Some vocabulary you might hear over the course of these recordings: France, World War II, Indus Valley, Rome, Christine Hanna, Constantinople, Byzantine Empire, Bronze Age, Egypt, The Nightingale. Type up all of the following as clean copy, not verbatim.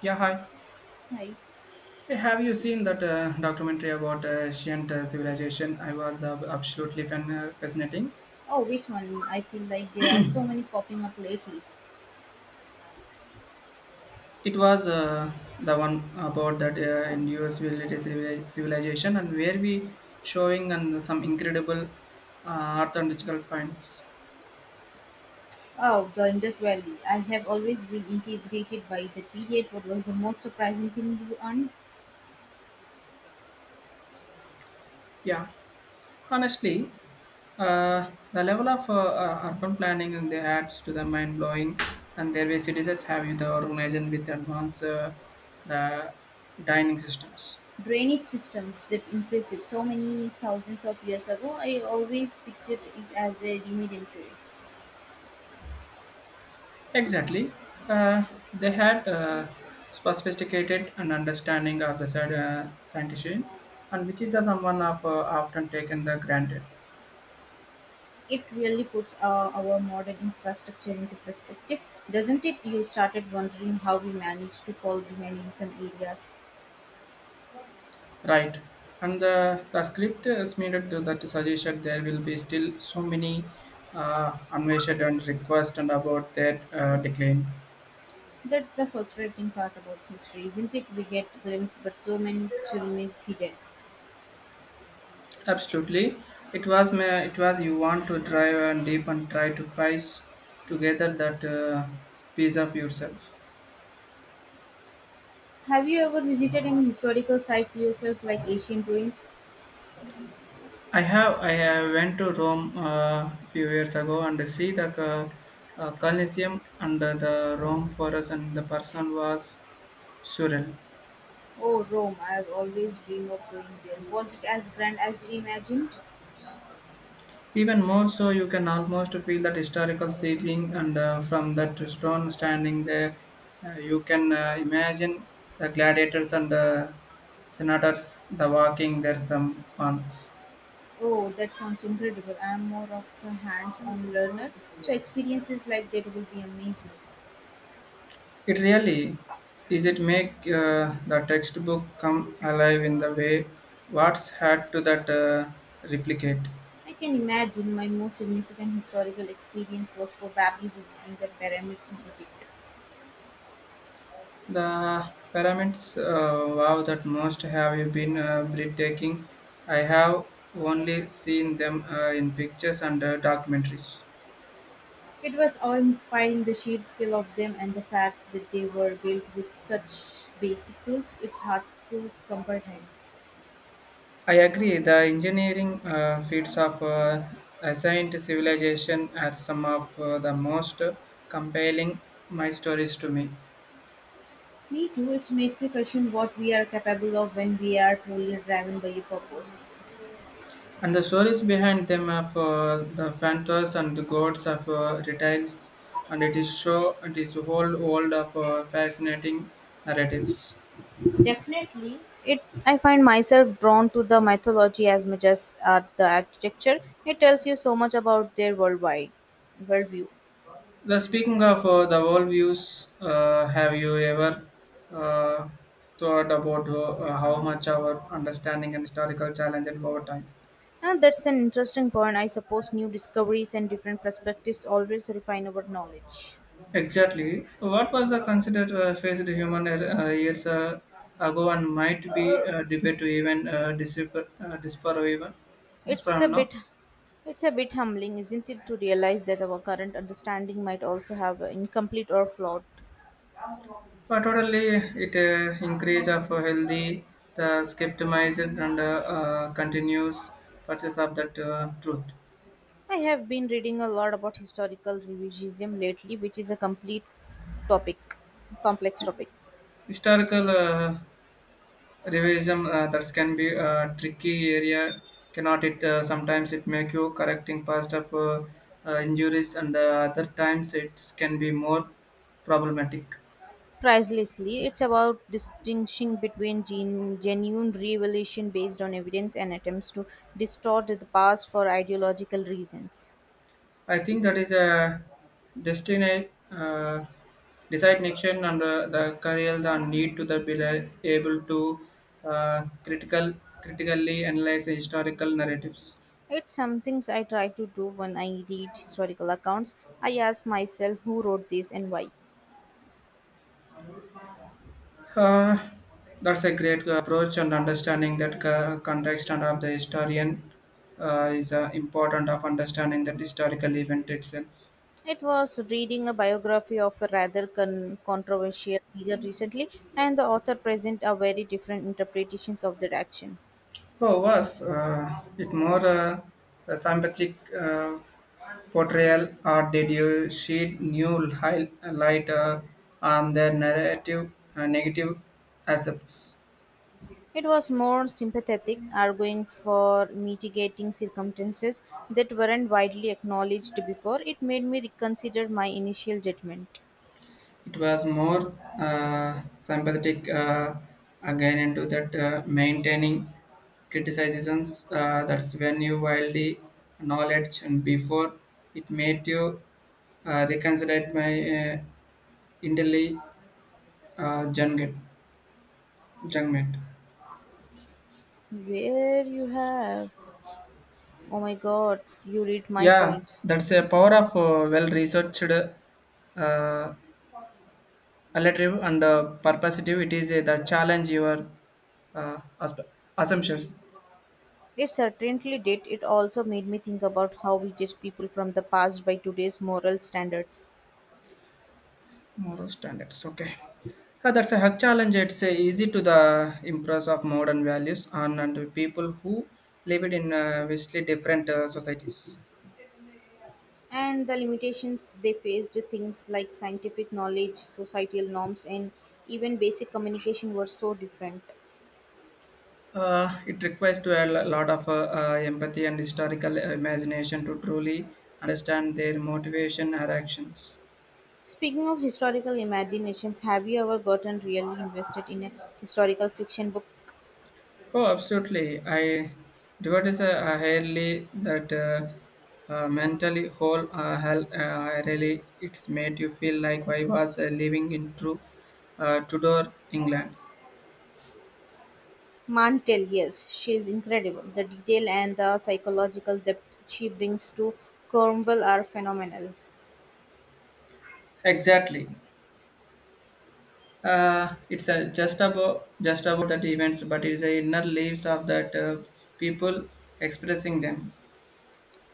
Yeah, hi. Hi. Hey, have you seen that documentary about ancient civilization? I was the absolutely fan, fascinating. Oh, which one? I feel like there are so many popping up lately. It was the one about that in US related civilization and where we showing and some incredible uh, archaeological finds. Oh, the Indus Valley. I have always been integrated by the period. What was the most surprising thing you on Yeah, honestly, the level of urban planning and they had to the mind blowing, and their way citizens have you the organization with advanced the dining systems. drainage systems? That's impressive. So many thousands of years ago, I always pictured it as a rudimentary. Exactly. Uh, they had a sophisticated and understanding of the side, scientist, and which is someone of often taken the granted. It really puts our modern infrastructure into perspective, doesn't it? You started wondering how we managed to fall behind in some areas. Right. And the script is made it to that suggestion there will be still so many unmeasured and request and about that decline. That's the frustrating part about history, isn't it? We get glimpses, but so much remains hidden. Absolutely. It was it was you want to drive and deep and try to piece together that piece of yourself. Have you ever visited any historical sites yourself, like ancient ruins? I went to Rome a few years ago and see the Colosseum and the Rome Forest and the person was surreal. Oh, Rome. I've always dreamed of going there. Was it as grand as you imagined? Even more so, you can almost feel that historical setting and from that stone standing there, you can imagine the gladiators and senators the walking there some paths. Oh, that sounds incredible. I am more of a hands-on learner, so experiences like that will be amazing. It really is. It make the textbook come alive in the way Watts had to that replicate. I can imagine my most significant historical experience was probably visiting the pyramids in Egypt. The pyramids, wow, that most have you been breathtaking. I have only seen them in pictures and documentaries. It was awe-inspiring the sheer skill of them and the fact that they were built with such basic tools it's hard to comprehend. I agree. The engineering feats of ancient civilization are some of the most compelling my stories to me. Me too, it makes you question what we are capable of when we are truly driven by a purpose. And the stories behind them of the phantoms and the gods of reptiles, and it is show it is a whole world of fascinating narratives. Definitely, it I find myself drawn to the mythology as much as at the architecture. It tells you so much about their worldwide worldview. The speaking of the worldviews, have you ever uh, thought about how much our understanding and historical challenges over time? And that's an interesting point. I suppose new discoveries and different perspectives always refine our knowledge. Exactly. What was the considered faced human years ago and might be debate to even It's disappear a now? bit it's a bit humbling, isn't it, to realize that our current understanding might also have incomplete or flawed. Totally, it increase of a healthy, the skepticism and continuous purchase of that truth. I have been reading a lot about historical revisionism lately, which is a topic, complex topic. Historical revision that can be a tricky area. Cannot it sometimes it make you correcting past of injuries and other times it can be more problematic. Pricelessly, it's about distinguishing between genuine revelation based on evidence and attempts to distort the past for ideological reasons. I think that is a destinate designation and the career the need to the be able to uh, critical critically analyze historical narratives. It's some things I try to do when I read historical accounts. I ask myself who wrote this and why. Uh, that's a great approach and understanding that context and of the historian is important of understanding that historical event itself. It was reading a biography of a rather controversial figure recently, and the author present a very different interpretations of that action. Oh, was it more a sympathetic portrayal, or did you shed new light on the narrative negative aspects? It was more sympathetic, arguing for mitigating circumstances that weren't widely acknowledged before. It made me reconsider my initial judgment. It was more sympathetic again into that maintaining criticisms. That's when you wildly knowledge, and before it made you reconsider my uh, internally jungle. Junk. Where you have? Oh my god, you read my Yeah, points. that's a power of well-researched uh, relative and purposive. It is the challenge your uh, asp- assumptions, It certainly did. It also made me think about how we judge people from the past by today's moral standards. moral standards. Okay, yeah, that's a hug challenge. It's easy to the impress of modern values on and people who live it in vastly different societies. And the limitations they faced things like scientific knowledge societal norms and even basic communication were so different. It requires to a lot of empathy and historical imagination to truly understand their motivation or actions. Speaking of historical imaginations, have you ever gotten really invested in a historical fiction book? Oh, absolutely. I devote is a highly that mentally whole hell, really it's made you feel like I was living in true Tudor England. Mantel, yes, she is incredible. The detail and the psychological depth she brings to Cornwall are phenomenal. Exactly. It's just about that events, but it's the inner leaves of that people expressing them.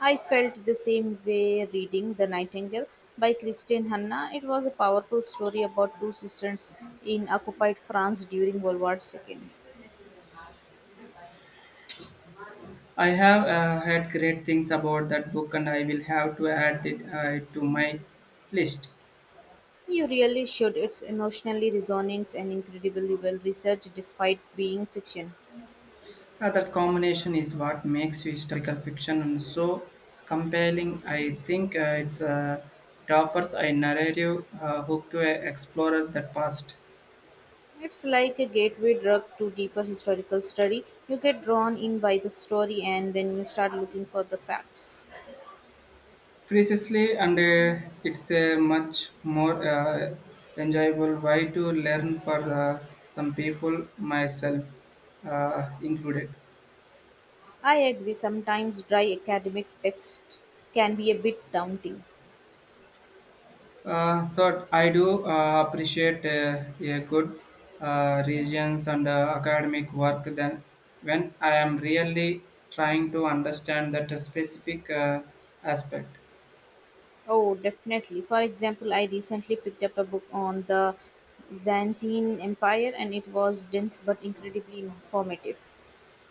I felt the same way reading The Nightingale by Christine Hanna. It was a powerful story about two sisters in occupied France during World War II. I have had great things about that book, and I will have to add it to my list. You really should. It's emotionally resonant and incredibly well researched despite being fiction. That combination is what makes historical fiction so compelling. I think it offers a narrative hook to explore that past. It's like a gateway drug to deeper historical study. You get drawn in by the story and then you start looking for the facts. Precisely, and it's a much more enjoyable way to learn for some people, myself included. I agree, sometimes dry academic texts can be a bit daunting. Thought I do appreciate a good regions and academic work then when I am really trying to understand that specific aspect. Oh, definitely. For example, I recently picked up a book on the Byzantine Empire and it was dense but incredibly informative.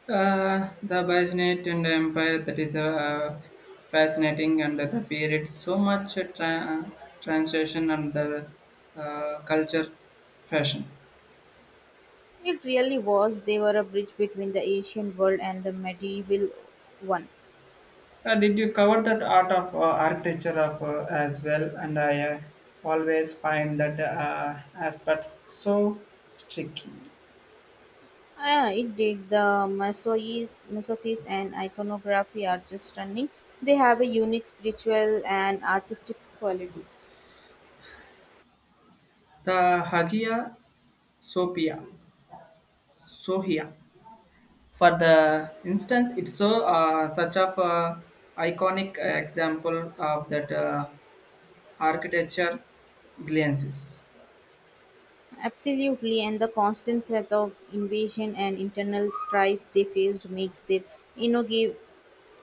The Byzantine and Empire that is fascinating and the period so much transition and the culture fashion. It really was. They were a bridge between the ancient world and the medieval one. Did you cover that art of architecture of as well? And I always find that aspects so striking. Ah, it did. The Masochis and iconography are just stunning. They have a unique spiritual and artistic quality. The Hagia Sophia, Sohia, for the instance, it's so such of a iconic example of that architecture glances. Absolutely, and the constant threat of invasion and internal strife they faced makes their innovative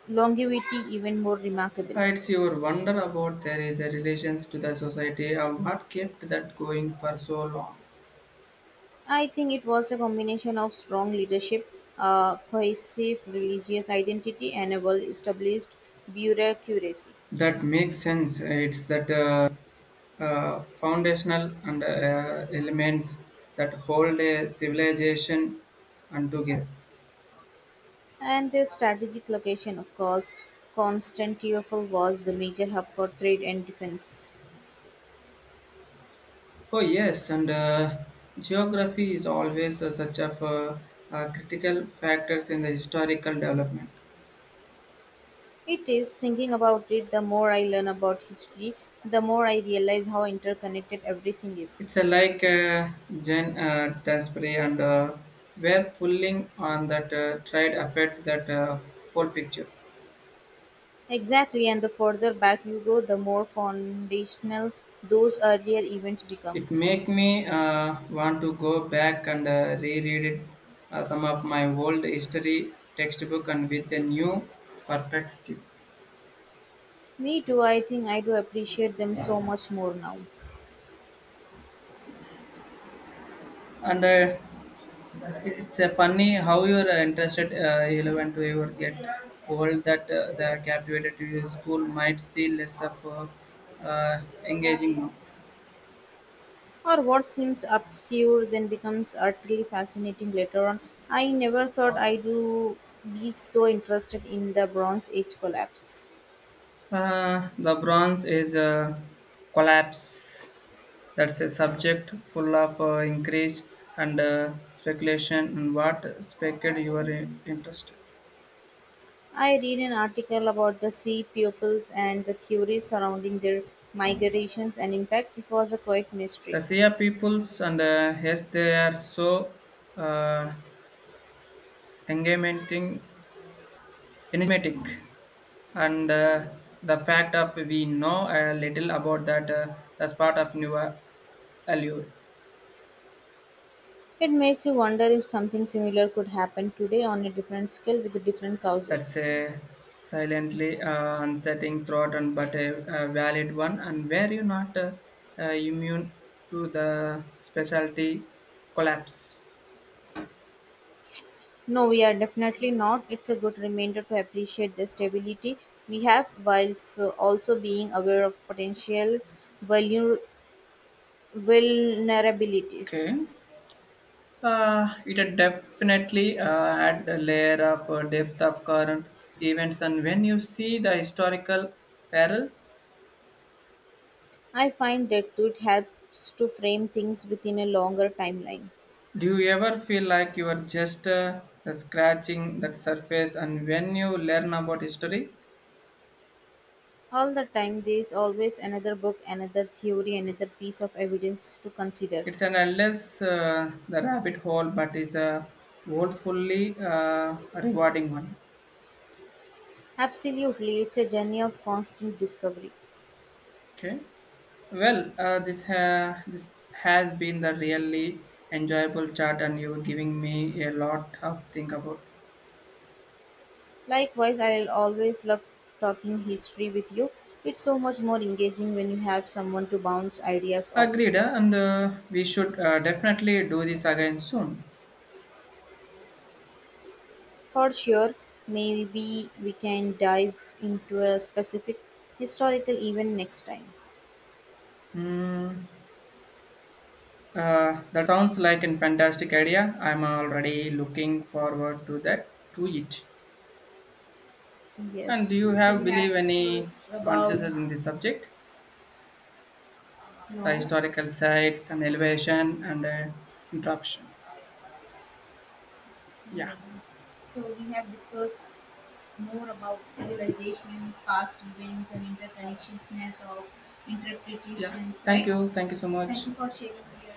longevity even more remarkable. It's your wonder about there is a relations to the society of what kept that going for so long. I think it was a combination of strong leadership, a cohesive religious identity, and a well established bureaucracy. That makes sense. It's that foundational and elements that hold a civilization and together. And their strategic location, of course, Constantinople was a major hub for trade and defense. Oh yes, and geography is always such of critical factors in the historical development. It is thinking about it, the more I learn about history, the more I realize how interconnected everything It's is. like Jen Tasbury and we're pulling on that tried effect that whole picture. Exactly, and the further back you go, the more foundational those earlier events become. It make me want to go back and reread it, some of my old history textbook and with a new perspective. Me too, I think I do appreciate them so much more now. And it's a funny how you're interested relevant to ever get old that the captivated to your school might see less of engaging now. Or what seems obscure then becomes utterly fascinating later on. I never thought I do be so interested in the Bronze Age collapse. The bronze is a collapse. That's a subject full of increase and speculation and what spec'd you are interested. I read an article about the sea pupils and the theories surrounding their migrations and impact. It was a quite The mystery. Sia peoples and yes, they are so uh, engaging, enigmatic, and the fact of we know a little about that that's part of new allure. It makes you wonder if something similar could happen today on a different scale with different That's causes. a silently unsettling thought, and but a valid one. And were you not uh, immune to the specialty collapse? No, we are definitely not. It's a good reminder to appreciate the stability we have whilst also being aware of potential vulner- Okay. vulnerabilities. It had definitely had a layer of depth of current events, and when you see the historical perils, I find that too, it helps to frame things within a longer timeline. do you ever feel like you are just the scratching that surface? And when you learn about history, All the time, there is always another book, another theory, another piece of evidence to consider. it's an endless the rabbit hole, but is a woefully rewarding one. Absolutely, it's a journey of constant discovery. Okay. Well, this has been the really enjoyable chat, and you were giving me a lot of think about. Likewise, I'll always love talking history with you. It's so much more engaging when you have someone to bounce ideas off. Agreed, and we should definitely do this again soon. For sure, maybe we can dive into a specific historical event next time. Hmm. That sounds like a fantastic idea. I'm already looking forward to that to it. Yes. And do you So have we believe have any discussed about consciousness in this subject? The no. historical sites and elevation and interruption. Yeah, Yeah. So we have discussed more about civilizations, past events, and interconnections of yeah. interpretations. Thank Right. you. Thank you so much. Thank you for sharing your